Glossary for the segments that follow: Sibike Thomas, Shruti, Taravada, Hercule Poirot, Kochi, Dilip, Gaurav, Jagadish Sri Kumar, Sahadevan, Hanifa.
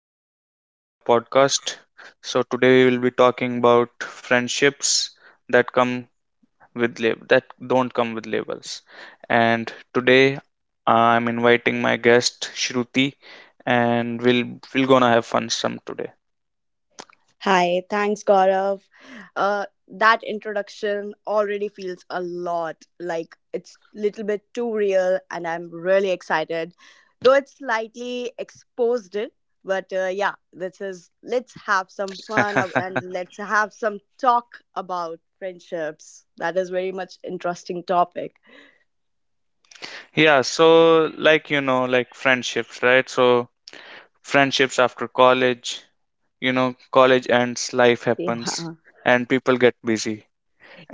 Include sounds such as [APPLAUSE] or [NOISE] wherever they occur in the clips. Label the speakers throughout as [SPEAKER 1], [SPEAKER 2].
[SPEAKER 1] welcome back to our podcast. So today we will be talking about friendships that come with that don't come with labels. And today I'm inviting my guest Shruti and we'll gonna have fun some today.
[SPEAKER 2] Hi, thanks, Gaurav. That introduction already feels a lot like it's little bit too real, and I'm really excited, though it's slightly exposed it. But yeah, this is let's have some fun ab- and [LAUGHS] let's have some talk about friendships. That is very much interesting topic.
[SPEAKER 1] Yeah, so like you know, like friendships, right? So friendships after college, you know, college ends, life happens,
[SPEAKER 2] Yeah,
[SPEAKER 1] and people get busy.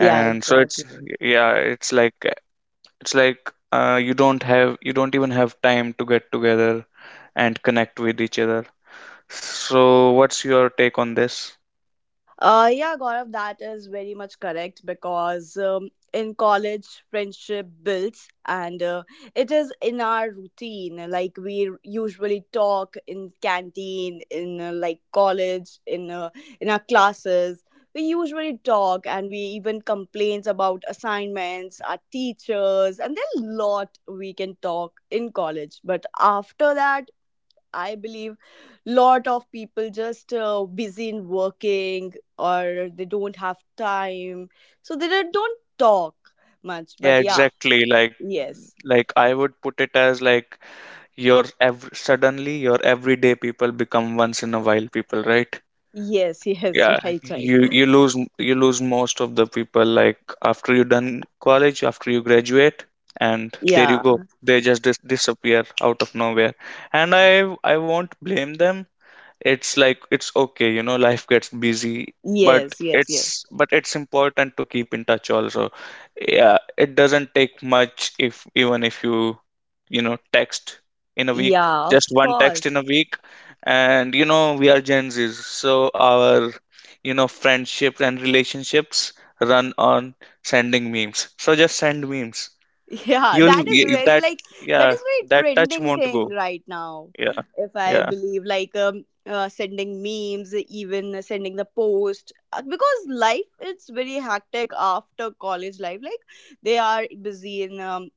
[SPEAKER 2] yeah,
[SPEAKER 1] so it's
[SPEAKER 2] exactly.
[SPEAKER 1] Yeah, it's like you don't have you don't even have time to get together and connect with each other. So what's your take on this?
[SPEAKER 2] Yeah, Gaurav, that is very much correct because in college, friendship builds and it is in our routine. Like we usually talk in canteen, in like college, in our classes. We usually talk and we even complains about assignments, our teachers, and there are lot we can talk in college. But after that, I believe lot of people just busy in working or they don't have time, so they don't talk much. But
[SPEAKER 1] Yeah,
[SPEAKER 2] yeah,
[SPEAKER 1] exactly.
[SPEAKER 2] yes,
[SPEAKER 1] Like I would put it as like your suddenly your everyday people become once in a while people, right?
[SPEAKER 2] yes, [LAUGHS] yes,
[SPEAKER 1] Yeah,
[SPEAKER 2] right, right.
[SPEAKER 1] you you lose most of the people like after you done college, after you graduate, and there you go.
[SPEAKER 2] Yeah,
[SPEAKER 1] They just disappear out of nowhere. And I won't blame them. It's like it's okay, you know, life gets busy, but
[SPEAKER 2] yes, yes, yes.
[SPEAKER 1] it's important to keep in touch also. Yeah, it doesn't take much. If even if you, you know, text in a week,
[SPEAKER 2] Yeah, of
[SPEAKER 1] just one text in a
[SPEAKER 2] course.
[SPEAKER 1] week. And you know we are gen z's, so our, you know, friendships and relationships run on sending memes, so just send memes.
[SPEAKER 2] Yeah,
[SPEAKER 1] You'll
[SPEAKER 2] that is
[SPEAKER 1] y-
[SPEAKER 2] very
[SPEAKER 1] that
[SPEAKER 2] like that
[SPEAKER 1] Yeah,
[SPEAKER 2] is very
[SPEAKER 1] that touch
[SPEAKER 2] trending
[SPEAKER 1] won't go.
[SPEAKER 2] thing right now.
[SPEAKER 1] Yeah,
[SPEAKER 2] If I
[SPEAKER 1] yeah.
[SPEAKER 2] believe like sending memes, even sending the post. Because life is very hectic after college life. Like they are busy in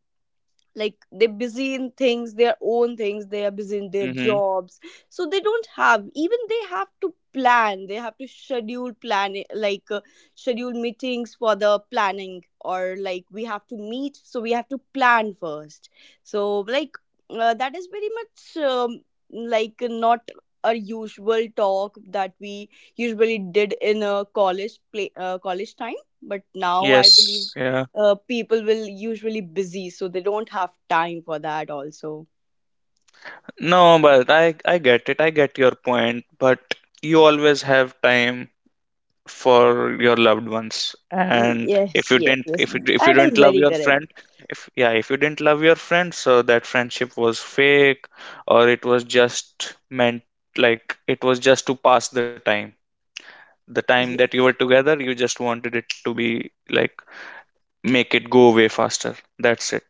[SPEAKER 2] like they're busy in things their own things they are busy in their
[SPEAKER 1] Mm-hmm.
[SPEAKER 2] jobs so they don't have even they have to plan they have to schedule plan like schedule meetings for the planning or like we have to meet so we have to plan first so like that is very much like not a usual talk that we usually did in a college play college time but now I believe
[SPEAKER 1] Yes, yeah.
[SPEAKER 2] people will usually busy so they don't have time for that also.
[SPEAKER 1] No, but I get it. I get your point, but you always have time for your loved ones. And
[SPEAKER 2] Yes, yes, yes,
[SPEAKER 1] if you
[SPEAKER 2] that is
[SPEAKER 1] didn't love
[SPEAKER 2] very
[SPEAKER 1] your
[SPEAKER 2] correct.
[SPEAKER 1] friend, If yeah, if you didn't love your friend, so that friendship was fake, or it was just meant, like it was just to pass the time. The time
[SPEAKER 2] Y-
[SPEAKER 1] that you were together, you just wanted it to be like make it go away faster. That's it.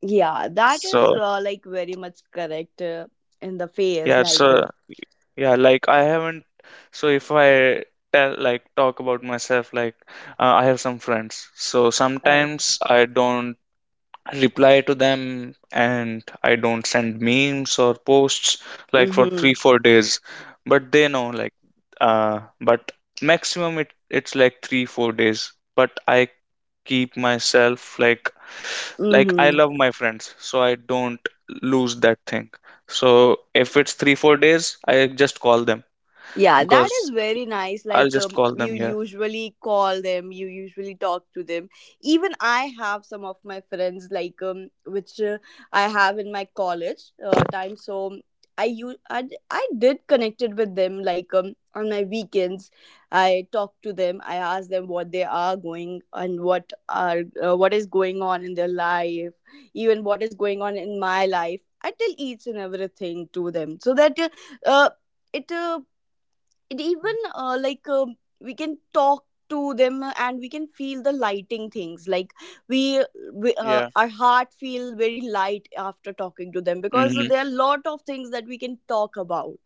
[SPEAKER 2] yeah, that is
[SPEAKER 1] So,
[SPEAKER 2] like very much correct in the
[SPEAKER 1] yeah,
[SPEAKER 2] face like
[SPEAKER 1] so yeah, like I haven't. So if I tell, like, talk about myself, like, I have some friends. So
[SPEAKER 2] oh, okay,
[SPEAKER 1] sometimes I don't reply to them and I don't send memes or posts like for
[SPEAKER 2] mm-hmm,
[SPEAKER 1] three, 4 days. But they know, like, but maximum it's like three, 4 days. But I keep myself like
[SPEAKER 2] mm-hmm.
[SPEAKER 1] I love my friends, so I don't lose that thing. So if it's three, 4 days, I just call them,
[SPEAKER 2] Yeah, that is
[SPEAKER 1] because
[SPEAKER 2] very nice.
[SPEAKER 1] I'll
[SPEAKER 2] Like,
[SPEAKER 1] just call
[SPEAKER 2] you
[SPEAKER 1] them. Yeah.
[SPEAKER 2] usually call them, you usually talk to them. Even I have some of my friends, like, which I have in my college time. So I u- I, d- I did connected with them, like, on my weekends. I talk to them. I ask them what they are going and what are what is going on in their life, even what is going on in my life. I tell each and everything to them so that uh, it. Uh, it even like we can talk to them and we can feel the lighting things like we, we
[SPEAKER 1] Yeah.
[SPEAKER 2] our heart feel very light after talking to them because
[SPEAKER 1] Hmm.
[SPEAKER 2] there are a lot of things that we can talk about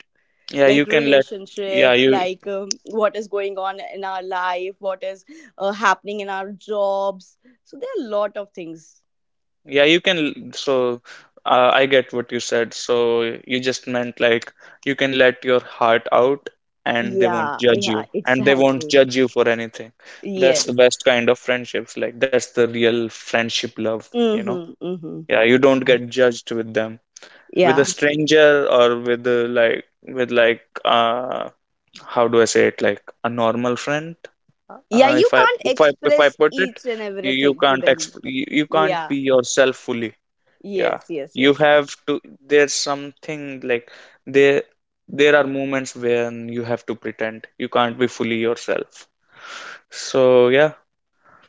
[SPEAKER 1] Yeah, you
[SPEAKER 2] like
[SPEAKER 1] can let. Yeah,
[SPEAKER 2] relationships
[SPEAKER 1] you.
[SPEAKER 2] like what is going on in our life what is happening in our jobs so there are a lot of things.
[SPEAKER 1] Yeah, you can. So, I get what you said. So you just meant like you can let your heart out, and they won't
[SPEAKER 2] Yeah,
[SPEAKER 1] judge you,
[SPEAKER 2] yeah,
[SPEAKER 1] and they won't
[SPEAKER 2] exactly,
[SPEAKER 1] judge you for anything. That's the
[SPEAKER 2] yes,
[SPEAKER 1] best kind of friendships. Like that's the real friendship love. You know.
[SPEAKER 2] mm-hmm, mm-hmm.
[SPEAKER 1] Yeah, you don't get judged with them. With a
[SPEAKER 2] Yeah,
[SPEAKER 1] stranger or with a, like with like how do I say it, like a normal friend.
[SPEAKER 2] yeah,
[SPEAKER 1] Uh,
[SPEAKER 2] you
[SPEAKER 1] if I
[SPEAKER 2] can't
[SPEAKER 1] if I if I
[SPEAKER 2] express
[SPEAKER 1] put it,
[SPEAKER 2] each and everything to them.
[SPEAKER 1] you, you can't
[SPEAKER 2] Yeah,
[SPEAKER 1] be yourself fully.
[SPEAKER 2] yes,
[SPEAKER 1] Yeah,
[SPEAKER 2] yes,
[SPEAKER 1] you
[SPEAKER 2] yes.
[SPEAKER 1] have to. There's something like there there are moments when you have to pretend. You can't be fully yourself. So yeah,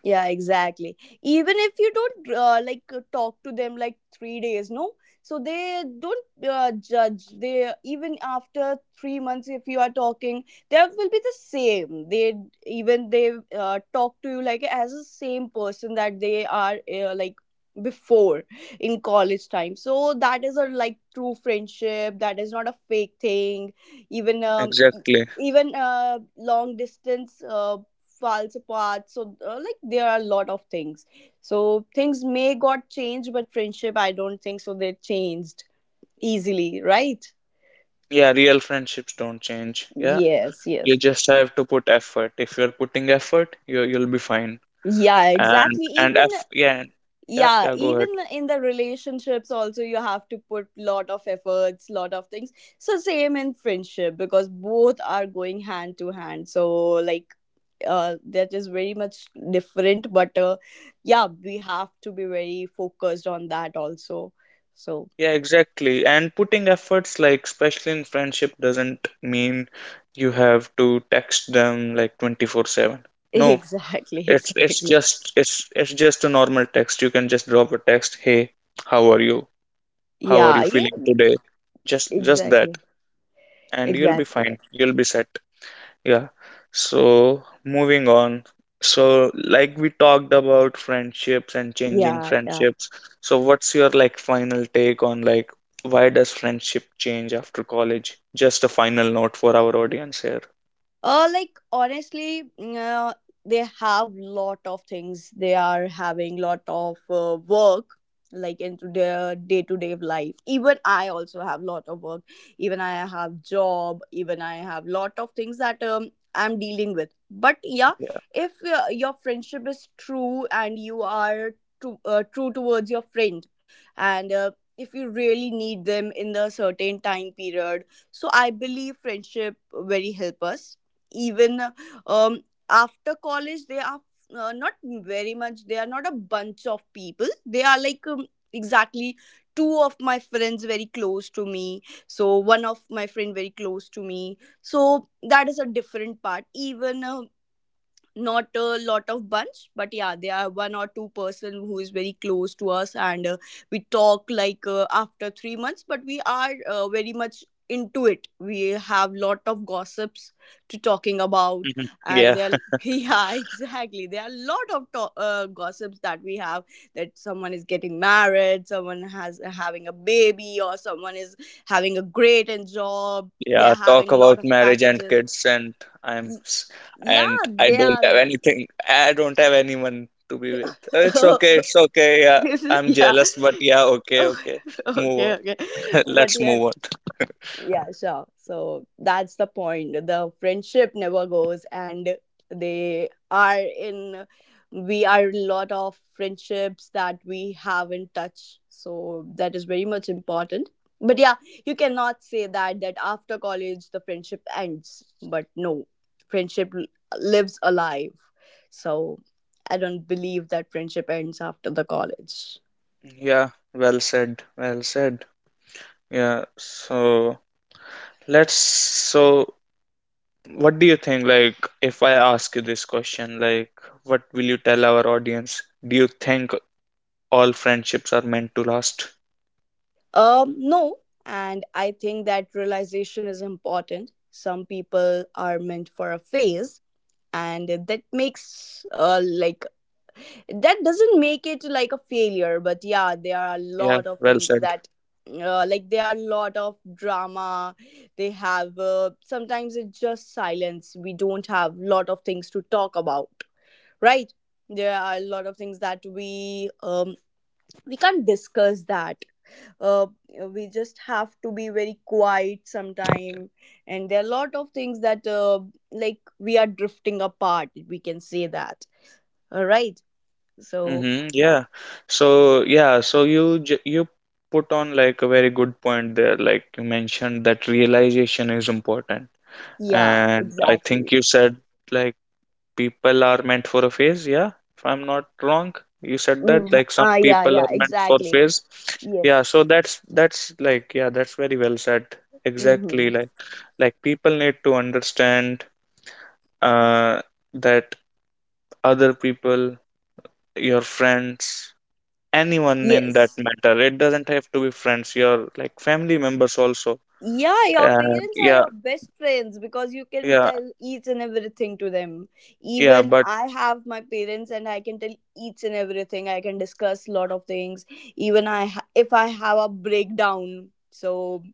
[SPEAKER 2] Yeah, exactly. Even if you don't like talk to them like 3 days, no, so they don't judge. They even after 3 months, if you are talking, that will be the same. They even they talk to you like as the same person that they are like before in college time. So that is a like true friendship. That is not a fake thing. Even
[SPEAKER 1] exactly.
[SPEAKER 2] even long distance falls apart so like there are a lot of things so things may got changed but friendship I don't think so they changed easily, right?
[SPEAKER 1] Yeah, real friendships don't change. Yeah,
[SPEAKER 2] Yes,
[SPEAKER 1] you
[SPEAKER 2] yes,
[SPEAKER 1] just have to put effort. If you're putting effort, you'll be fine.
[SPEAKER 2] yeah, exactly,
[SPEAKER 1] And
[SPEAKER 2] even
[SPEAKER 1] f yeah Yeah, yeah,
[SPEAKER 2] yeah
[SPEAKER 1] go ahead.
[SPEAKER 2] even in the relationships also you have to put lot of efforts lot of things so same in friendship because both are going hand to hand so like that is very much different but yeah we have to be very focused on that also so.
[SPEAKER 1] Yeah, exactly. And putting efforts like, especially in friendship, doesn't mean you have to text them like 24/7.
[SPEAKER 2] [LAUGHS]
[SPEAKER 1] No,
[SPEAKER 2] Exactly,
[SPEAKER 1] it's it's
[SPEAKER 2] exactly.
[SPEAKER 1] just it's it's just a normal text. You can just drop a text, "Hey, how are you? How are you
[SPEAKER 2] Yeah, yeah,
[SPEAKER 1] feeling today?" Just that,
[SPEAKER 2] exactly,
[SPEAKER 1] and you'll be
[SPEAKER 2] exactly.
[SPEAKER 1] fine. You'll be set. Yeah. So moving on. So like we talked about friendships and changing
[SPEAKER 2] Yeah, yeah.
[SPEAKER 1] friendships. So what's your like final take on like why does friendship change after college? Just a final note for our audience here.
[SPEAKER 2] Like honestly, mm, they have lot of things. They are having lot of work, like into their day to day life. Even I also have lot of work. Even I have job. Even I have lot of things that I'm dealing with. But yeah,
[SPEAKER 1] Yeah.
[SPEAKER 2] if your friendship is true and you are true towards your friend, and if you really need them in the certain time period, so I believe friendship very help us even um, after college they are not very much they are not a bunch of people they are like exactly two of my friends very close to me so one of my friend very close to me so that is a different part even not a lot of bunch but yeah there are one or two-person who is very close to us and we talk like after 3 months but we are very much into it we have lot of gossips to talking about
[SPEAKER 1] Mhm.
[SPEAKER 2] and
[SPEAKER 1] Yeah.
[SPEAKER 2] [LAUGHS]
[SPEAKER 1] [LAUGHS]
[SPEAKER 2] yeah exactly there are a lot of gossips that we have that someone is getting married someone has having a baby or someone is having a great and job
[SPEAKER 1] Yeah.
[SPEAKER 2] they're
[SPEAKER 1] Talk
[SPEAKER 2] having a
[SPEAKER 1] about
[SPEAKER 2] lot of
[SPEAKER 1] marriage and
[SPEAKER 2] packages.
[SPEAKER 1] kids and I'm
[SPEAKER 2] Y-
[SPEAKER 1] s- and
[SPEAKER 2] yeah,
[SPEAKER 1] I
[SPEAKER 2] they
[SPEAKER 1] don't
[SPEAKER 2] are.
[SPEAKER 1] have anything. I don't have anyone to be with. It's
[SPEAKER 2] [LAUGHS]
[SPEAKER 1] okay. It's okay. Yeah.
[SPEAKER 2] [LAUGHS]
[SPEAKER 1] I'm
[SPEAKER 2] Yeah.
[SPEAKER 1] jealous, but yeah, okay,
[SPEAKER 2] Oh,
[SPEAKER 1] okay.
[SPEAKER 2] [LAUGHS]
[SPEAKER 1] Move
[SPEAKER 2] okay,
[SPEAKER 1] on.
[SPEAKER 2] okay.
[SPEAKER 1] [LAUGHS]
[SPEAKER 2] But
[SPEAKER 1] Let's move
[SPEAKER 2] yes,
[SPEAKER 1] on.
[SPEAKER 2] yeah, sure. So that's the point. The friendship never goes, and they are in. We are in lot of friendships that we have in touch. So that is very much important. But yeah, you cannot say that that after college the friendship ends. But no, friendship l- lives alive. So I don't believe that friendship ends after the college.
[SPEAKER 1] Yeah, well said. Well said. Yeah, so let's so what do you think, like if I ask you this question, like what will you tell our audience? Do you think all friendships are meant to last?
[SPEAKER 2] No, and I think that realization is important. Some people are meant for a phase, and that makes like that doesn't make it like a failure. But yeah, there are a
[SPEAKER 1] Yeah,
[SPEAKER 2] lot of
[SPEAKER 1] well
[SPEAKER 2] things
[SPEAKER 1] said.
[SPEAKER 2] that. Like there are a lot of drama they have sometimes it's just silence we don't have lot of things to talk about, right? There are a lot of things that we can't discuss that uh, we just have to be very quiet sometime and there are a lot of things that like we are drifting apart we can say that, all right, so
[SPEAKER 1] Mm-hmm, yeah. So yeah, so you put on like a very good point there. Like you mentioned that realization is important.
[SPEAKER 2] yeah
[SPEAKER 1] And I
[SPEAKER 2] exactly.
[SPEAKER 1] think you said like people are meant for a phase, yeah, if I'm not wrong. You said that
[SPEAKER 2] Mm,
[SPEAKER 1] like some
[SPEAKER 2] ah, yeah,
[SPEAKER 1] people
[SPEAKER 2] yeah,
[SPEAKER 1] are meant for
[SPEAKER 2] exactly,
[SPEAKER 1] phase.
[SPEAKER 2] yes,
[SPEAKER 1] Yeah, that's like, yeah, that's very well said. Exactly,
[SPEAKER 2] mm-hmm,
[SPEAKER 1] like people need to understand uh that other people, your friends, anyone in that
[SPEAKER 2] yes.
[SPEAKER 1] matter, it doesn't have to be friends, your like family members also.
[SPEAKER 2] Yeah, your parents are
[SPEAKER 1] Yeah,
[SPEAKER 2] your best friends because you can
[SPEAKER 1] yeah,
[SPEAKER 2] tell each and everything to them.
[SPEAKER 1] yeah,
[SPEAKER 2] Even
[SPEAKER 1] but
[SPEAKER 2] I have my parents and I can tell each and everything. I can discuss a lot of things. If I have a breakdown, so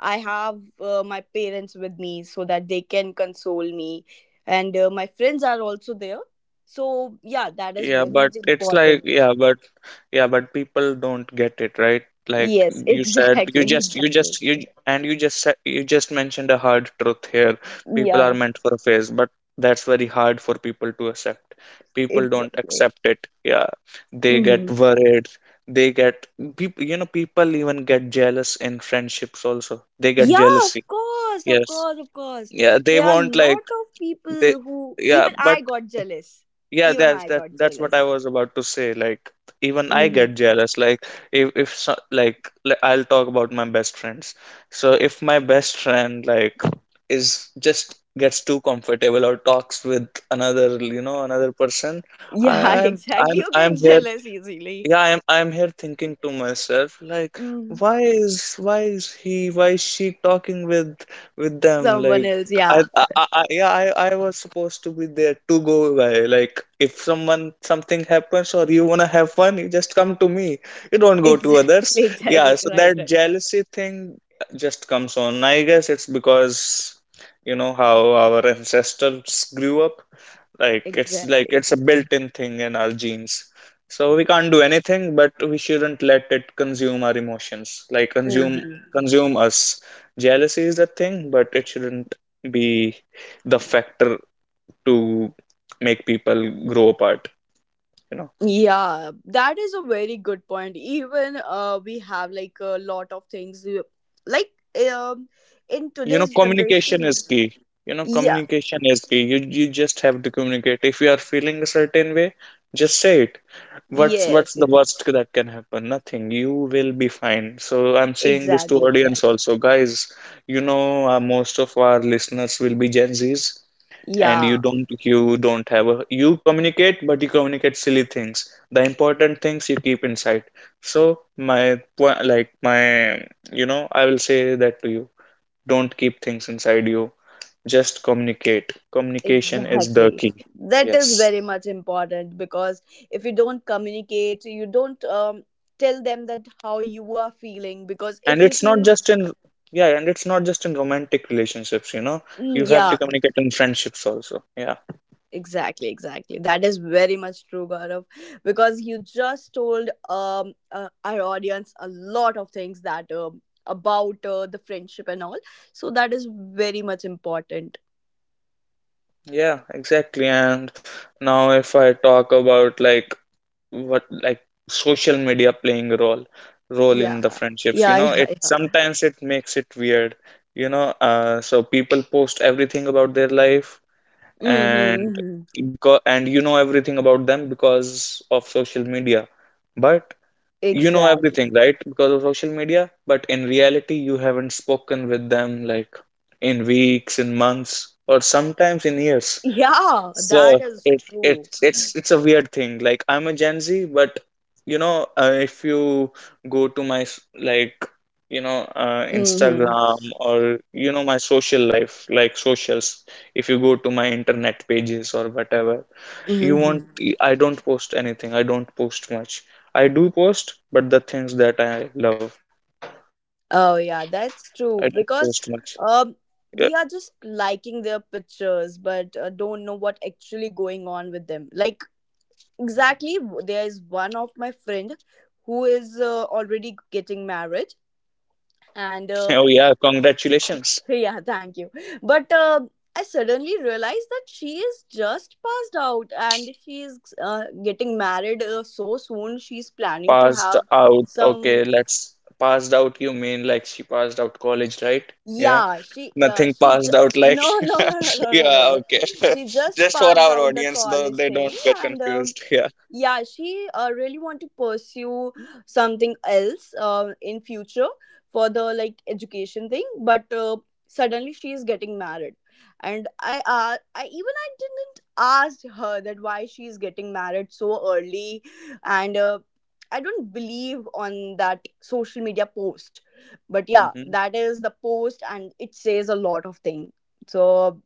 [SPEAKER 2] I have my parents with me so that they can console me and my friends are also there. So yeah, that is
[SPEAKER 1] yeah,
[SPEAKER 2] very
[SPEAKER 1] but
[SPEAKER 2] much
[SPEAKER 1] it's like,
[SPEAKER 2] important.
[SPEAKER 1] yeah, but people don't get it, right? Like
[SPEAKER 2] Yes, [LAUGHS]
[SPEAKER 1] you said, you
[SPEAKER 2] exactly,
[SPEAKER 1] just, you
[SPEAKER 2] exactly.
[SPEAKER 1] just, you j- and you just said, you just mentioned a hard truth here. People are
[SPEAKER 2] Yeah,
[SPEAKER 1] meant for a phase, but that's very hard for people to accept. People don't
[SPEAKER 2] exactly.
[SPEAKER 1] accept it. Yeah, they
[SPEAKER 2] Mhm.
[SPEAKER 1] get worried. They get People, you know, people even get jealous in friendships also. They get
[SPEAKER 2] Yeah,
[SPEAKER 1] jealousy.
[SPEAKER 2] of course, of
[SPEAKER 1] Yes.
[SPEAKER 2] course, of course.
[SPEAKER 1] Yeah, they
[SPEAKER 2] There are a
[SPEAKER 1] won't like
[SPEAKER 2] lot of
[SPEAKER 1] they.
[SPEAKER 2] people who
[SPEAKER 1] Yeah,
[SPEAKER 2] even
[SPEAKER 1] but
[SPEAKER 2] I got jealous.
[SPEAKER 1] yeah,
[SPEAKER 2] Even
[SPEAKER 1] that's
[SPEAKER 2] I
[SPEAKER 1] that
[SPEAKER 2] got
[SPEAKER 1] that's what I
[SPEAKER 2] jealous.
[SPEAKER 1] was about to say. Like even I
[SPEAKER 2] Hmm.
[SPEAKER 1] get jealous. Like if so, like l- I'll talk about my best friends. So if my best friend like is just gets too comfortable or talks with another, you know, another person,
[SPEAKER 2] Yeah, [LAUGHS]
[SPEAKER 1] I,
[SPEAKER 2] exactly. You get
[SPEAKER 1] I'm here
[SPEAKER 2] jealous easily.
[SPEAKER 1] yeah, I'm here thinking to myself like
[SPEAKER 2] Mm.
[SPEAKER 1] why is he, why is she talking with them,
[SPEAKER 2] Someone
[SPEAKER 1] like
[SPEAKER 2] else, yeah.
[SPEAKER 1] yeah, I was supposed to be there to go by, like if someone something happens or you want to have fun you just come to me, you don't go to
[SPEAKER 2] Exactly, [LAUGHS]
[SPEAKER 1] others. Yeah,
[SPEAKER 2] exactly.
[SPEAKER 1] so
[SPEAKER 2] Right,
[SPEAKER 1] that
[SPEAKER 2] right.
[SPEAKER 1] jealousy thing just comes on. I guess it's because, you know, how our ancestors grew up, like
[SPEAKER 2] Exactly.
[SPEAKER 1] it's a built-in thing in our genes. So we can't do anything, but we shouldn't let it consume our emotions,
[SPEAKER 2] Hmm.
[SPEAKER 1] consume us. Jealousy is a thing, but it shouldn't be the factor to make people grow apart, you know.
[SPEAKER 2] Yeah, that is a very good point. Even we have like a lot of things like um in
[SPEAKER 1] You know
[SPEAKER 2] today's
[SPEAKER 1] communication is
[SPEAKER 2] generation.
[SPEAKER 1] key You know
[SPEAKER 2] Yeah.
[SPEAKER 1] communication is key. You just have to communicate. If you are feeling a certain way, just say it. What's
[SPEAKER 2] Yes,
[SPEAKER 1] the
[SPEAKER 2] yes.
[SPEAKER 1] worst that can happen? Nothing. You will be fine. So I'm saying this to
[SPEAKER 2] Exactly,
[SPEAKER 1] audience
[SPEAKER 2] exactly.
[SPEAKER 1] also, guys. You know, most of our listeners will be gen z's, and
[SPEAKER 2] Yeah,
[SPEAKER 1] you don't have a, you communicate, but you communicate silly things, the important things you keep inside. So my po- like my you know, I will say that to you, don't keep things inside you. Just communicate. Communication is the
[SPEAKER 2] exactly.
[SPEAKER 1] key.
[SPEAKER 2] That is
[SPEAKER 1] Yes.
[SPEAKER 2] very much important because if you don't communicate, you don't tell them that how you are feeling. Because
[SPEAKER 1] And
[SPEAKER 2] if you
[SPEAKER 1] it's not
[SPEAKER 2] feel,
[SPEAKER 1] just in, Yeah, and it's not just in romantic relationships, you know.
[SPEAKER 2] mm,
[SPEAKER 1] You have
[SPEAKER 2] yeah,
[SPEAKER 1] to communicate in friendships also. Yeah.
[SPEAKER 2] exactly, exactly. That is very much true, Gaurav. Because you just told our audience a lot of things that about the friendship and all. So that is very much important.
[SPEAKER 1] Yeah, exactly. And now if I talk about like what like social media playing a role
[SPEAKER 2] Yeah,
[SPEAKER 1] in the friendships, you
[SPEAKER 2] yeah,
[SPEAKER 1] know, it
[SPEAKER 2] yeah, yeah.
[SPEAKER 1] sometimes it makes it weird. You know, so people post everything about their life,
[SPEAKER 2] Mm-hmm,
[SPEAKER 1] and
[SPEAKER 2] mm-hmm.
[SPEAKER 1] because and you know everything about them because of social media, but you know everything,
[SPEAKER 2] Exactly.
[SPEAKER 1] right, because of social media, but in reality you haven't spoken with them like in weeks, in months, or sometimes in years.
[SPEAKER 2] Yeah,
[SPEAKER 1] So
[SPEAKER 2] that is
[SPEAKER 1] it
[SPEAKER 2] true.
[SPEAKER 1] it's a weird thing. Like I'm a Gen Z, but you know, if you go to my s- like you know
[SPEAKER 2] Mm-hmm.
[SPEAKER 1] Instagram, or you know my social life, like socials, if you go to my internet pages or whatever, you won't.
[SPEAKER 2] Mm-hmm.
[SPEAKER 1] I don't post anything. I don't post much. I do post, but the things that I love,
[SPEAKER 2] Oh yeah,
[SPEAKER 1] I don't
[SPEAKER 2] that's
[SPEAKER 1] post
[SPEAKER 2] true
[SPEAKER 1] much.
[SPEAKER 2] because
[SPEAKER 1] Yeah. [LAUGHS]
[SPEAKER 2] um we are just liking their pictures but don't know what actually going on with them. Like exactly there is one of my friend who is already getting married and
[SPEAKER 1] Oh yeah, congratulations.
[SPEAKER 2] [LAUGHS] yeah, thank you. But I suddenly realized that she is just passed out and she is getting married so soon. She's planning to
[SPEAKER 1] Passed
[SPEAKER 2] have
[SPEAKER 1] out.
[SPEAKER 2] some.
[SPEAKER 1] Okay, let's passed out. You mean like she passed out college, right? Yeah.
[SPEAKER 2] Yeah,
[SPEAKER 1] Nothing passed out like
[SPEAKER 2] no no no no
[SPEAKER 1] [LAUGHS]
[SPEAKER 2] no no no
[SPEAKER 1] yeah,
[SPEAKER 2] no.
[SPEAKER 1] okay. [LAUGHS]
[SPEAKER 2] She just
[SPEAKER 1] Just for
[SPEAKER 2] passed
[SPEAKER 1] our
[SPEAKER 2] out the
[SPEAKER 1] audience, though
[SPEAKER 2] college
[SPEAKER 1] they don't
[SPEAKER 2] thing
[SPEAKER 1] get
[SPEAKER 2] and
[SPEAKER 1] confused. Yeah.
[SPEAKER 2] yeah she really want to pursue something else in future for the like education thing but suddenly she is getting married and I even I didn't ask her that why she is getting married so early and I don't believe on that social media post, but yeah,
[SPEAKER 1] Hmm.
[SPEAKER 2] that is the post and it says a lot of thing. So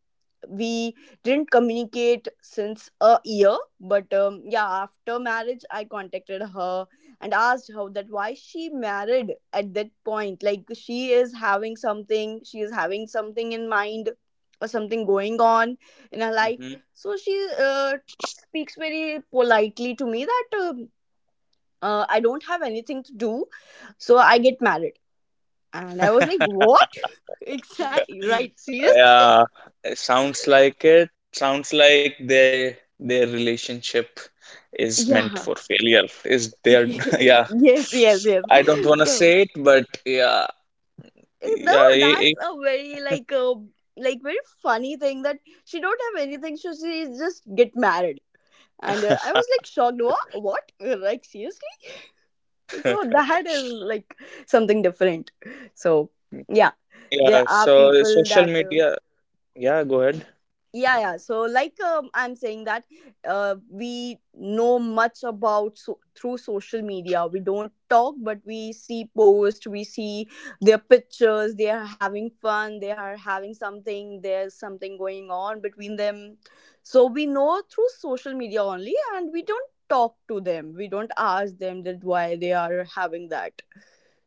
[SPEAKER 2] we didn't communicate since a year, but yeah, after marriage I contacted her and asked her that why she married at that point, like she is having something in mind or something going on in her life.
[SPEAKER 1] Hmm.
[SPEAKER 2] So she speaks very politely to me that I don't have anything to do so I get married. And I was like
[SPEAKER 1] [LAUGHS]
[SPEAKER 2] what. [LAUGHS] Exactly, right, seriously.
[SPEAKER 1] Yeah. It. Sounds like they their relationship is meant
[SPEAKER 2] Yeah.
[SPEAKER 1] for failure. Is their [LAUGHS] Yeah.
[SPEAKER 2] [LAUGHS] Yes, yes, yes.
[SPEAKER 1] I don't wanna
[SPEAKER 2] So
[SPEAKER 1] say it, but yeah.
[SPEAKER 2] you know
[SPEAKER 1] Yeah.
[SPEAKER 2] that's a very like very funny thing that she don't have anything so she just get married. And I
[SPEAKER 1] I-
[SPEAKER 2] was like shocked, what, like seriously. So
[SPEAKER 1] [LAUGHS]
[SPEAKER 2] that is like something different. So yeah, there
[SPEAKER 1] Yeah,
[SPEAKER 2] are
[SPEAKER 1] so
[SPEAKER 2] people that
[SPEAKER 1] yeah, go ahead.
[SPEAKER 2] yeah, so like I'm saying that we know much about through social media. We don't talk but we see posts, we see their pictures, they are having fun, they are having something, there's something going on between them. So we know through social media only and we don't talk to them, we don't ask them that why they are having that.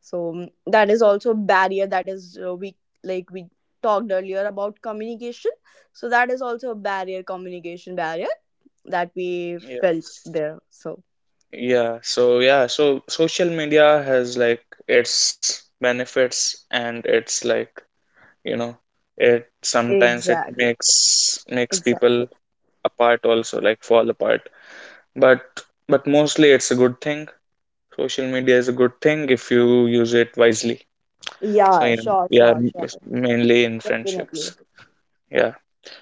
[SPEAKER 2] So that is also a barrier. That is we like we talked earlier about communication, so that is also a barrier, communication barrier, that we
[SPEAKER 1] Yeah.
[SPEAKER 2] felt there. So
[SPEAKER 1] Yeah, so yeah, so social media has like its benefits, and it's like, you know, it sometimes it
[SPEAKER 2] exactly.
[SPEAKER 1] makes people
[SPEAKER 2] Exactly.
[SPEAKER 1] apart also, like fall apart. But but mostly it's a good thing. Social media is a good thing if you use it wisely. So
[SPEAKER 2] Yeah,
[SPEAKER 1] yeah,
[SPEAKER 2] sure,
[SPEAKER 1] yeah,
[SPEAKER 2] sure, sure.
[SPEAKER 1] mainly in friendships.
[SPEAKER 2] Definitely.
[SPEAKER 1] Yeah.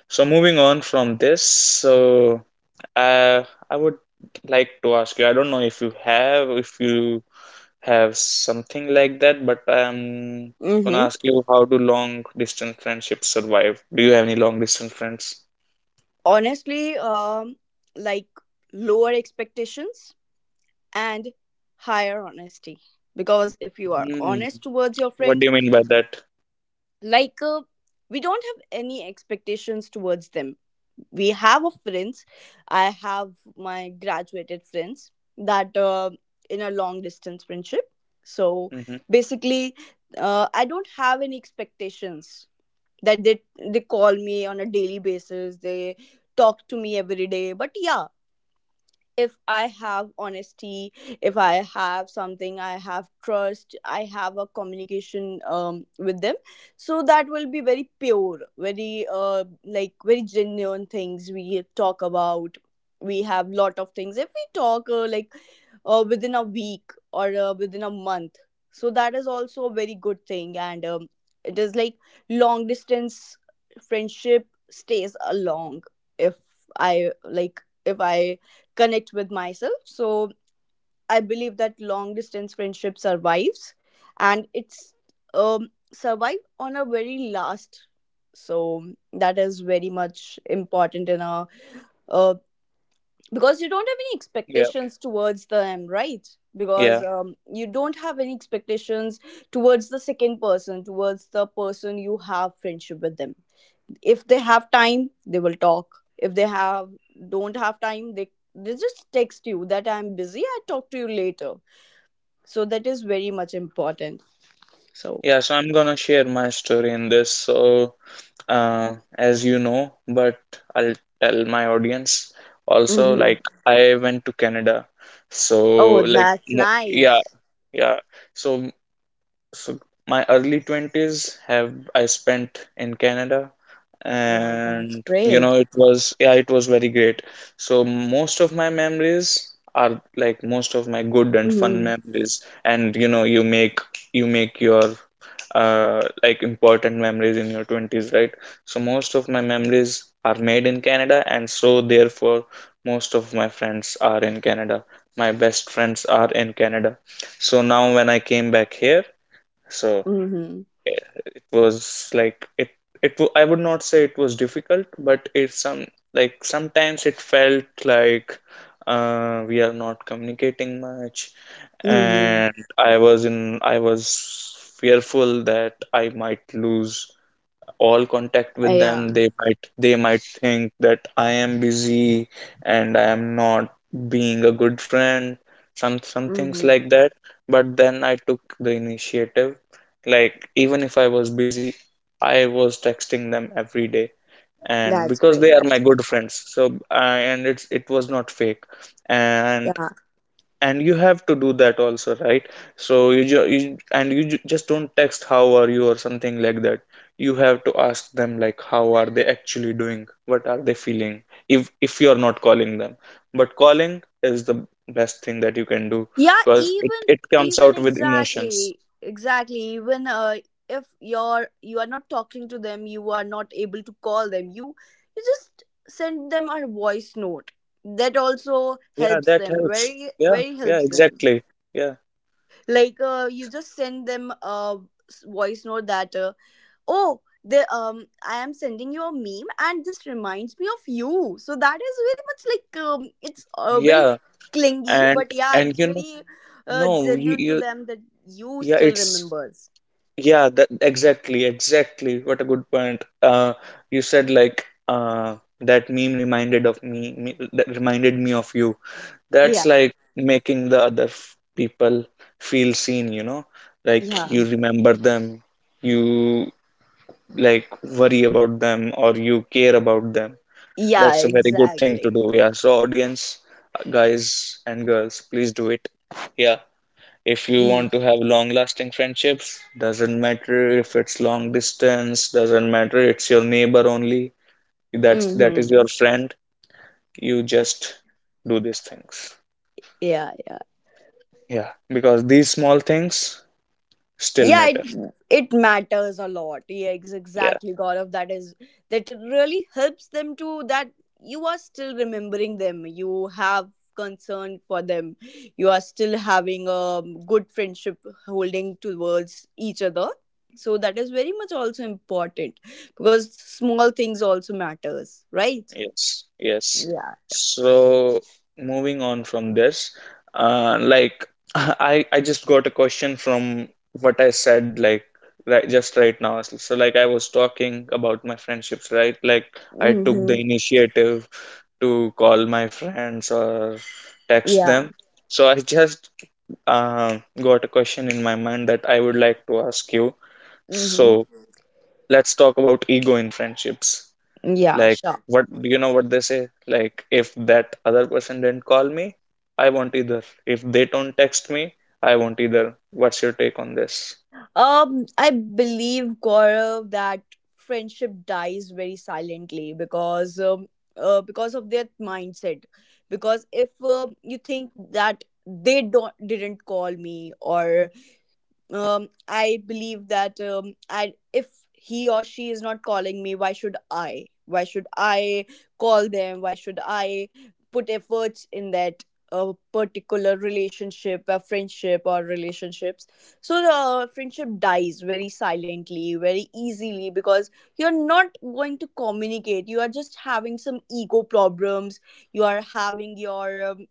[SPEAKER 1] So moving on from this, so I would like to ask you, I don't know if you have something like that, but I'm
[SPEAKER 2] Mm-hmm.
[SPEAKER 1] gonna ask you, how do long distance friendships survive? Do you have any long distance friends?
[SPEAKER 2] Honestly, like lower expectations and higher honesty. Because if you are
[SPEAKER 1] Hmm.
[SPEAKER 2] honest towards your
[SPEAKER 1] What
[SPEAKER 2] friend,
[SPEAKER 1] do you mean by that?
[SPEAKER 2] like we don't have any expectations towards them. We have a friends, I have my graduated friends that in a long distance friendship. So
[SPEAKER 1] hmm
[SPEAKER 2] basically I don't have any expectations that they call me on a daily basis, they talk to me every day, but yeah, if I have honesty, if I have something, I have trust, I have a communication with them. So that will be very pure, very like very genuine things we talk about. We have lot of things if we talk like within a week or within a month. So that is also a very good thing, and it is like long distance friendship stays along. If I like if I connect with myself, so I believe that long distance friendship survives, and it's survive on a very last. So that is very much important in a uh, because you don't have any
[SPEAKER 1] Yeah,
[SPEAKER 2] expectations towards them, right? Because
[SPEAKER 1] yeah,
[SPEAKER 2] you don't have any expectations towards the second person, towards the person you have friendship with them. If they have time they will talk, if they have don't have time, they just text you that I'm busy, I talk to you later. So that is very much important. So
[SPEAKER 1] yeah. So I'm gonna share my story in this. So, as you know, but I'll tell my audience also.
[SPEAKER 2] hmm.
[SPEAKER 1] Like, I went to Canada, so
[SPEAKER 2] Oh
[SPEAKER 1] like,
[SPEAKER 2] that's nice.
[SPEAKER 1] yeah. So So my early 20s have I spent in Canada,
[SPEAKER 2] Yeah that's
[SPEAKER 1] and you
[SPEAKER 2] great.
[SPEAKER 1] know it was, yeah, it was very great. So most of my memories are like most of my good and fun
[SPEAKER 2] Mm-hmm.
[SPEAKER 1] memories, and you know you make your important memories in your 20s, right? So most of my memories are made in Canada, and so therefore most of my friends are in Canada. My best friends are in Canada. So now when I came back here, so
[SPEAKER 2] Mm-hmm.
[SPEAKER 1] it was like I would not say it was difficult, but it some, like sometimes it felt like we are not communicating much,
[SPEAKER 2] Mm-hmm.
[SPEAKER 1] and I was fearful that I might lose all contact with them.
[SPEAKER 2] Yeah.
[SPEAKER 1] They might, they might think that I am busy and I am not being a good friend, some things
[SPEAKER 2] Mm-hmm.
[SPEAKER 1] like that. But then I took the initiative. Like, even if I was busy, I was texting them every day, and
[SPEAKER 2] That's
[SPEAKER 1] because they
[SPEAKER 2] great,
[SPEAKER 1] are
[SPEAKER 2] that's
[SPEAKER 1] my
[SPEAKER 2] great.
[SPEAKER 1] good friends, so I, and it's, it was not fake. and
[SPEAKER 2] Yeah,
[SPEAKER 1] and you have to do that also, right? So you, you, and you just don't text how are you or something like that. You have to ask them like how are they actually doing, what are they feeling, if you are not calling them, but calling is the best thing that you can do,
[SPEAKER 2] yeah,
[SPEAKER 1] because it,
[SPEAKER 2] even
[SPEAKER 1] it comes
[SPEAKER 2] even
[SPEAKER 1] out with emotions.
[SPEAKER 2] exactly, exactly, even if you're you are not talking to them, you are not able to call them, you just send them a voice note. That also
[SPEAKER 1] Yeah,
[SPEAKER 2] helps
[SPEAKER 1] that
[SPEAKER 2] them,
[SPEAKER 1] helps.
[SPEAKER 2] very
[SPEAKER 1] Yeah,
[SPEAKER 2] very
[SPEAKER 1] yeah,
[SPEAKER 2] helps them.
[SPEAKER 1] exactly. Yeah,
[SPEAKER 2] Like you just send them a voice note that oh the I am sending you a meme and this reminds me of you. So that is very much like it's very
[SPEAKER 1] yeah.
[SPEAKER 2] clingy,
[SPEAKER 1] and
[SPEAKER 2] but yeah
[SPEAKER 1] and
[SPEAKER 2] it's
[SPEAKER 1] you know,
[SPEAKER 2] very
[SPEAKER 1] no you,
[SPEAKER 2] genuine to
[SPEAKER 1] you.
[SPEAKER 2] them that you
[SPEAKER 1] Yeah,
[SPEAKER 2] still
[SPEAKER 1] it's,
[SPEAKER 2] remembers.
[SPEAKER 1] yeah, that exactly, exactly. What a good point. You said like, that meme reminded of me, that reminded me of you. That's
[SPEAKER 2] Yeah
[SPEAKER 1] like making the other people feel seen, you know? Like
[SPEAKER 2] yeah
[SPEAKER 1] you remember them, you like worry about them, or you care about them.
[SPEAKER 2] yeah
[SPEAKER 1] That's a very good thing to
[SPEAKER 2] exactly.
[SPEAKER 1] do. Yeah. So audience, guys and girls, please do it. Yeah, if you want to have long lasting friendships, doesn't matter if it's long distance, doesn't matter, it's your neighbor only, that is
[SPEAKER 2] Mm-hmm.
[SPEAKER 1] your friend. You just do these things.
[SPEAKER 2] Yeah yeah.
[SPEAKER 1] Yeah, because these small things still
[SPEAKER 2] Yeah, it
[SPEAKER 1] matter.
[SPEAKER 2] it matters a lot, yeah,
[SPEAKER 1] Yeah.
[SPEAKER 2] exactly God of that is that it really helps them to that you are still remembering them, you have concern for them, you are still having a good friendship holding towards each other. So that is very much also important, because small things also matters, right?
[SPEAKER 1] Yes, yes.
[SPEAKER 2] Yeah.
[SPEAKER 1] So moving on from this, like [LAUGHS] I just got a question from what I said, like right just right now. So like I was talking about my friendships, right? Like I took the
[SPEAKER 2] Mm-hmm.
[SPEAKER 1] initiative to call my friends or text
[SPEAKER 2] Yeah.
[SPEAKER 1] them. So I just got a question in my mind that I would like to ask you.
[SPEAKER 2] Mm-hmm.
[SPEAKER 1] So let's talk about ego in friendships.
[SPEAKER 2] Yeah,
[SPEAKER 1] Like,
[SPEAKER 2] sure.
[SPEAKER 1] what, you know what they say? Like, if that other person didn't call me, I won't either. If they don't text me, I won't either. What's your take on this?
[SPEAKER 2] I believe Gaurav that friendship dies very silently, because of their mindset. Because if you think that they don't didn't call me, or I believe that I if he or she is not calling me, why should I? Why should I call them? Why should I put efforts in that particular relationship, a friendship, or relationships? So the friendship dies very silently, very easily, because you're not going to communicate. You are just having some ego problems. You are having your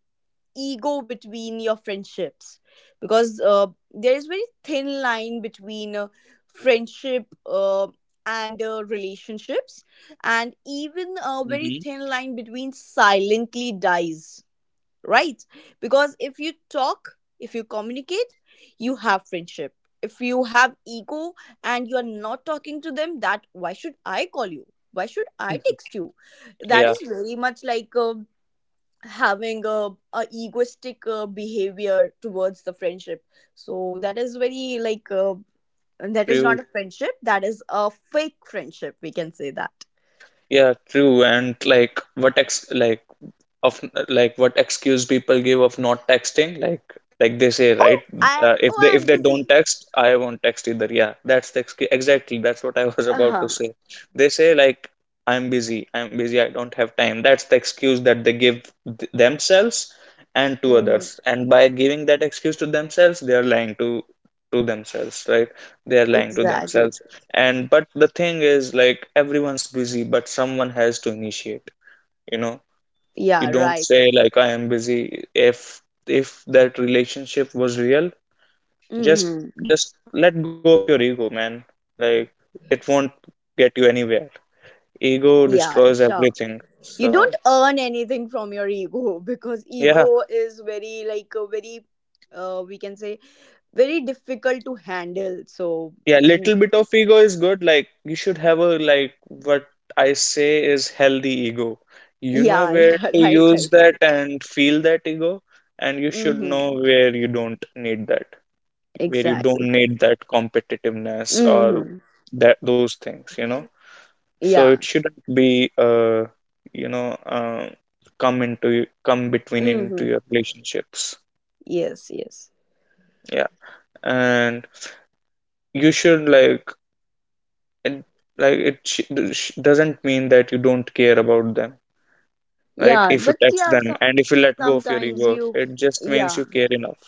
[SPEAKER 2] ego between your friendships, because there is very thin line between friendship and relationships, and even a very
[SPEAKER 1] hmm
[SPEAKER 2] thin line between silently dies, right? Because if you talk, if you communicate, you have friendship. If you have ego and you are not talking to them, that why should I call you, why should I
[SPEAKER 1] [LAUGHS]
[SPEAKER 2] text you, that
[SPEAKER 1] Yeah,
[SPEAKER 2] is very much like having a egoistic behavior towards the friendship. So that is very like that is
[SPEAKER 1] true.
[SPEAKER 2] not a friendship, that is a fake friendship, we can say that.
[SPEAKER 1] Yeah, true. And like, what ex like? Of Like what excuse people give of not texting, like they say,
[SPEAKER 2] Oh
[SPEAKER 1] right,
[SPEAKER 2] I,
[SPEAKER 1] if
[SPEAKER 2] oh
[SPEAKER 1] they, if
[SPEAKER 2] I'm
[SPEAKER 1] they
[SPEAKER 2] busy.
[SPEAKER 1] don't text, I won't text either. Yeah, that's the excuse, exactly, that's what I was about to
[SPEAKER 2] Uh-huh.
[SPEAKER 1] say. They say like, I'm busy, I'm busy, I don't have time. That's the excuse that they give themselves and to
[SPEAKER 2] Mhm.
[SPEAKER 1] others, and by giving that excuse to themselves, they are lying to themselves, right? They are lying to
[SPEAKER 2] Exactly.
[SPEAKER 1] themselves. And but the thing is, like, everyone's busy, but someone has to initiate, you know. You
[SPEAKER 2] Yeah,
[SPEAKER 1] don't
[SPEAKER 2] right,
[SPEAKER 1] say
[SPEAKER 2] right.
[SPEAKER 1] like I am busy. If if that relationship was real, just
[SPEAKER 2] Mm-hmm.
[SPEAKER 1] just let go of your ego, man. Like, it won't get you anywhere. Ego
[SPEAKER 2] Yeah,
[SPEAKER 1] destroys
[SPEAKER 2] sure.
[SPEAKER 1] everything.
[SPEAKER 2] You don't
[SPEAKER 1] So
[SPEAKER 2] earn anything from your ego. [LAUGHS] Because
[SPEAKER 1] yeah,
[SPEAKER 2] ego is very like a very we can say very difficult to handle. So
[SPEAKER 1] yeah, little bit of ego is good. Like, you should have a like what I say is healthy ego. You
[SPEAKER 2] yeah, [LAUGHS]
[SPEAKER 1] know where
[SPEAKER 2] yeah,
[SPEAKER 1] to
[SPEAKER 2] right, right,
[SPEAKER 1] use
[SPEAKER 2] right.
[SPEAKER 1] that and feel that ego, and you should
[SPEAKER 2] Mm-hmm.
[SPEAKER 1] know where you don't need that, where you
[SPEAKER 2] Exactly.
[SPEAKER 1] don't need that competitiveness or
[SPEAKER 2] Mm-hmm.
[SPEAKER 1] that, those things, you know. So
[SPEAKER 2] Yeah.
[SPEAKER 1] it shouldn't be you know, come into come between
[SPEAKER 2] Mm-hmm.
[SPEAKER 1] into your relationships.
[SPEAKER 2] Yes, yes.
[SPEAKER 1] Yeah, and you should it, like it doesn't mean that you don't care about them, right?
[SPEAKER 2] Yeah,
[SPEAKER 1] If you
[SPEAKER 2] but
[SPEAKER 1] text
[SPEAKER 2] yeah,
[SPEAKER 1] them
[SPEAKER 2] so
[SPEAKER 1] and if you let go of your
[SPEAKER 2] sometimes
[SPEAKER 1] ego,
[SPEAKER 2] you,
[SPEAKER 1] it just means
[SPEAKER 2] yeah.
[SPEAKER 1] you care enough.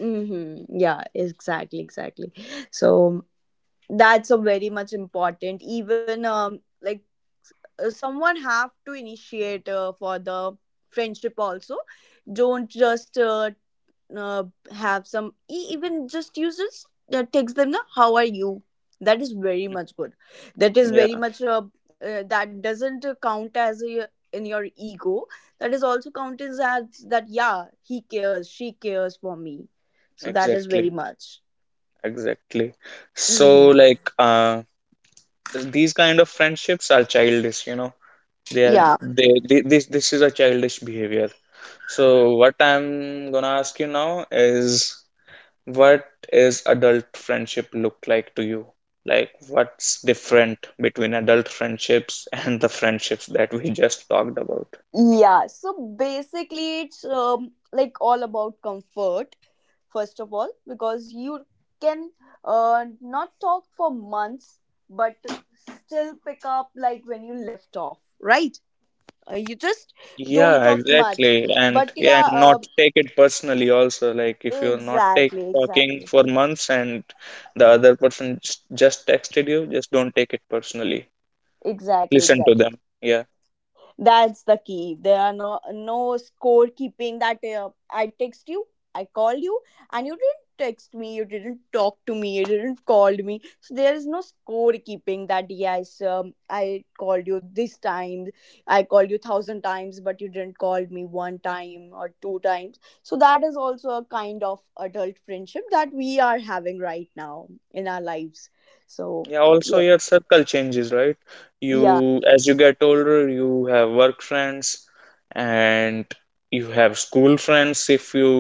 [SPEAKER 2] Mm-hmm. Yeah, exactly, exactly. So that's a very much important. Even like someone have to initiate for the friendship also. Don't just uh, have some even just uses text them the how are you, that is very much good, that is very
[SPEAKER 1] Yeah,
[SPEAKER 2] much that doesn't count as a, in your ego, that is also counted as that yeah he cares, she cares for me. So that is very
[SPEAKER 1] exactly,
[SPEAKER 2] much.
[SPEAKER 1] exactly. So
[SPEAKER 2] Mm-hmm.
[SPEAKER 1] like these kind of friendships are childish, you know. They are,
[SPEAKER 2] Yeah.
[SPEAKER 1] they this this is a childish behavior. So what I'm gonna ask you now is, what is adult friendship look like to you? Like what's different between adult friendships [LAUGHS] and the friendships that we just talked about?
[SPEAKER 2] Yeah, so basically it's like all about comfort first of all, because you can not talk for months but still pick up like when you left off, right? You just don't
[SPEAKER 1] Yeah,
[SPEAKER 2] talk much
[SPEAKER 1] exactly, and
[SPEAKER 2] but
[SPEAKER 1] yeah, and
[SPEAKER 2] yeah
[SPEAKER 1] not take it personally also, like if you're not take,
[SPEAKER 2] exactly
[SPEAKER 1] talking
[SPEAKER 2] exactly.
[SPEAKER 1] for months and the other person just texted you, just don't take it personally.
[SPEAKER 2] Exactly
[SPEAKER 1] Listen to
[SPEAKER 2] exactly.
[SPEAKER 1] them, yeah.
[SPEAKER 2] That's the key. There are no scorekeeping that I text you, I call you, and you didn't text me, you didn't talk to me, you didn't called me. So there is no scorekeeping that yes, I called you this time, I called you thousand times, but you didn't call me one time or two times. So that is also a kind of adult friendship that we are having right now in our lives. So
[SPEAKER 1] Yeah, also
[SPEAKER 2] yes,
[SPEAKER 1] your circle changes, right? you
[SPEAKER 2] yeah.
[SPEAKER 1] As you get older, you have work friends, and you have school friends if you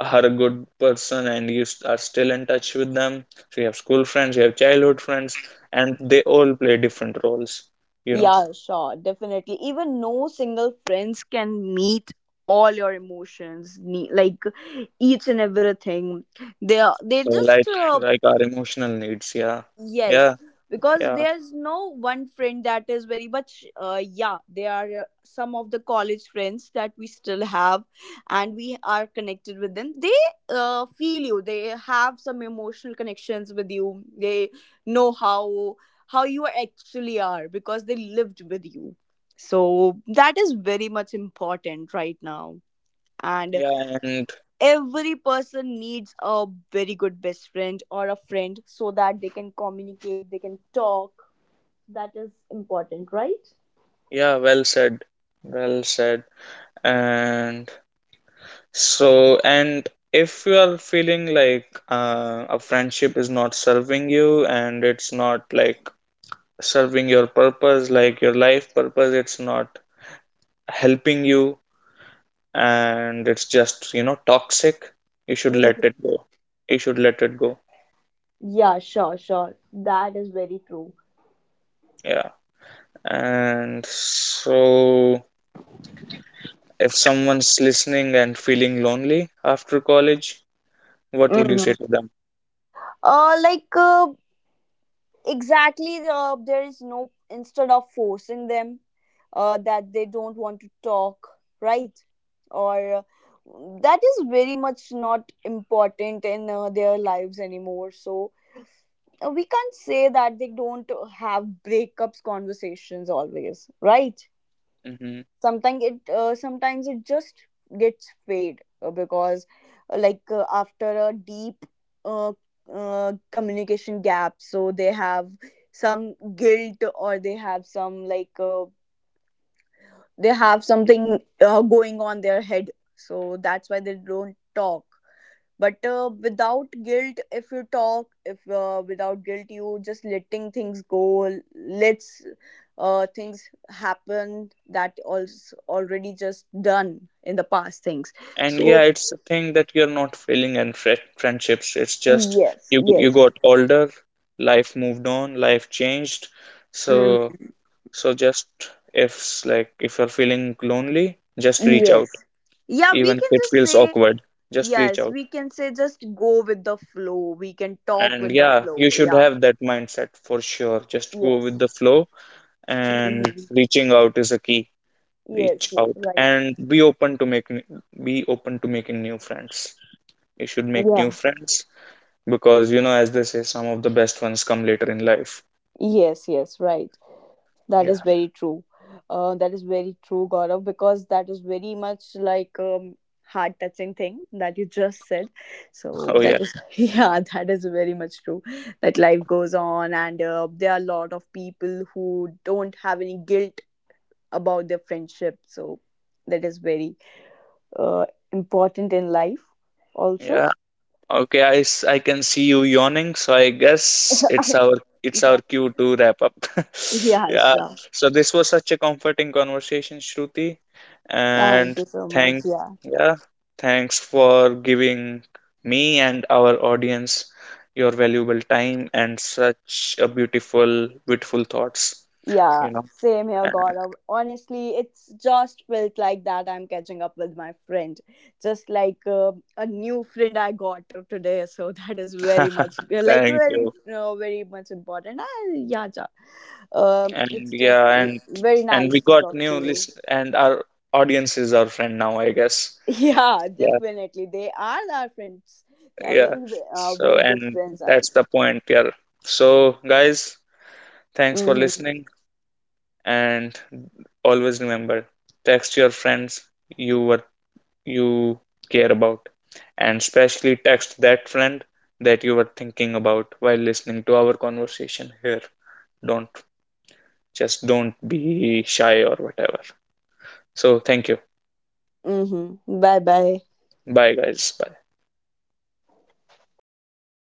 [SPEAKER 1] are a good person and are still in touch with them. So you have school friends, you have childhood friends, and they all play different roles, you know.
[SPEAKER 2] Yeah, sure, definitely. Even no single friends can meet all your emotions, like each and everything. They are they
[SPEAKER 1] So
[SPEAKER 2] just
[SPEAKER 1] like like our emotional needs, yeah,
[SPEAKER 2] yes,
[SPEAKER 1] yeah,
[SPEAKER 2] because
[SPEAKER 1] yeah,
[SPEAKER 2] there's no one friend that is very much, yeah, there are some of the college friends that we still have, and we are connected with them. They feel you, they have some emotional connections with you, they know how you actually are because they lived with you. So that is very much important right now. And
[SPEAKER 1] yeah, and
[SPEAKER 2] every person needs a very good best friend or a friend so that they can communicate, they can talk. That is important, right?
[SPEAKER 1] yeah. Well said, well said. And so, and if you are feeling like a friendship is not serving you and it's not like serving your purpose, like your life purpose, it's not helping you, and it's just, you know, toxic, you should let
[SPEAKER 2] Mhm.
[SPEAKER 1] it go. You should let it go.
[SPEAKER 2] Yeah, sure, sure, that is very true.
[SPEAKER 1] Yeah. And so, if someone's listening and feeling lonely after college, what would you say
[SPEAKER 2] Mhm.
[SPEAKER 1] to them?
[SPEAKER 2] Like exactly there is no instead of forcing them that they don't want to talk, right? Or that is very much not important in their lives anymore. So we can't say that they don't have breakups conversations always, right?
[SPEAKER 1] Mhm.
[SPEAKER 2] Sometimes it sometimes it just gets fade because like after a deep uh, communication gap, so they have some guilt, or they have some like they have something going on their head, so that's why they don't talk. But without guilt if you talk, if without guilt you just letting things go. Let's, things happen that also already just done in the past things.
[SPEAKER 1] And yeah,
[SPEAKER 2] So
[SPEAKER 1] it's a thing that you're not failing in friendships. It's just,
[SPEAKER 2] yes
[SPEAKER 1] you
[SPEAKER 2] yes.
[SPEAKER 1] got older, life moved on, life changed. So
[SPEAKER 2] mm,
[SPEAKER 1] so just, if s- like if you're feeling lonely, just reach out,
[SPEAKER 2] yes. Yeah, we
[SPEAKER 1] even if
[SPEAKER 2] can
[SPEAKER 1] it
[SPEAKER 2] just
[SPEAKER 1] feels
[SPEAKER 2] say
[SPEAKER 1] awkward. Just reach
[SPEAKER 2] yes,
[SPEAKER 1] out.
[SPEAKER 2] we can say just go with the flow, we can talk
[SPEAKER 1] And
[SPEAKER 2] with the
[SPEAKER 1] yeah, you
[SPEAKER 2] flow,
[SPEAKER 1] should
[SPEAKER 2] yeah.
[SPEAKER 1] have that mindset, for sure. Just go with
[SPEAKER 2] Yes.
[SPEAKER 1] the flow, and
[SPEAKER 2] Mhm.
[SPEAKER 1] reaching out is a key.
[SPEAKER 2] Yes,
[SPEAKER 1] Reach
[SPEAKER 2] yes,
[SPEAKER 1] out
[SPEAKER 2] right.
[SPEAKER 1] and be open to making be open to making new friends. You should make
[SPEAKER 2] Yeah,
[SPEAKER 1] new friends, because you know, as they say, some of the best ones come later in life.
[SPEAKER 2] yes, yes, right. That
[SPEAKER 1] Yeah.
[SPEAKER 2] is very true. That is very true, Gaurav, because that is very much like heart touching thing that you just said. So
[SPEAKER 1] Oh yeah.
[SPEAKER 2] that is [LAUGHS] yeah, that is very much true. That life goes on, and there are a lot of people who don't have any guilt about their friendship. So that is very uh, important in life, also.
[SPEAKER 1] Yeah, okay. I can see you yawning, so I guess it's our,
[SPEAKER 2] [LAUGHS]
[SPEAKER 1] it's our
[SPEAKER 2] Yeah,
[SPEAKER 1] cue to wrap up. [LAUGHS]
[SPEAKER 2] yeah,
[SPEAKER 1] Yeah.
[SPEAKER 2] sure.
[SPEAKER 1] So this was such a comforting conversation, Shruti.
[SPEAKER 2] Thank
[SPEAKER 1] And
[SPEAKER 2] you so much.
[SPEAKER 1] thank,
[SPEAKER 2] Yeah.
[SPEAKER 1] yeah, thanks for giving me and our audience your valuable time and such a beautiful thoughts,
[SPEAKER 2] Yeah,
[SPEAKER 1] you know.
[SPEAKER 2] same here, Gaurav. Honestly, it's just felt like that I'm catching up with my friend. Just like a new friend I got today. So [LAUGHS] that is very much,
[SPEAKER 1] [LAUGHS]
[SPEAKER 2] [LAUGHS] like,
[SPEAKER 1] Thank
[SPEAKER 2] very,
[SPEAKER 1] you.
[SPEAKER 2] very much important. Yeah, ja.
[SPEAKER 1] And
[SPEAKER 2] It's just
[SPEAKER 1] yeah,
[SPEAKER 2] very
[SPEAKER 1] and we
[SPEAKER 2] nice to
[SPEAKER 1] got
[SPEAKER 2] talk
[SPEAKER 1] new
[SPEAKER 2] to you. [LAUGHS]
[SPEAKER 1] list, and our audience is our friend now, I guess.
[SPEAKER 2] Yeah,
[SPEAKER 1] Yeah,
[SPEAKER 2] definitely. They are our friends. They are
[SPEAKER 1] yeah.
[SPEAKER 2] very,
[SPEAKER 1] So,
[SPEAKER 2] very good
[SPEAKER 1] and
[SPEAKER 2] friends.
[SPEAKER 1] that's the point here. So guys, thanks for
[SPEAKER 2] Mm-hmm.
[SPEAKER 1] listening, and always remember, text your friends you were, you care about, and especially text that friend that you were thinking about while listening to our conversation here. Don't, just don't be shy or whatever. So thank you.
[SPEAKER 2] Mm-hmm. Bye bye.
[SPEAKER 1] Bye guys.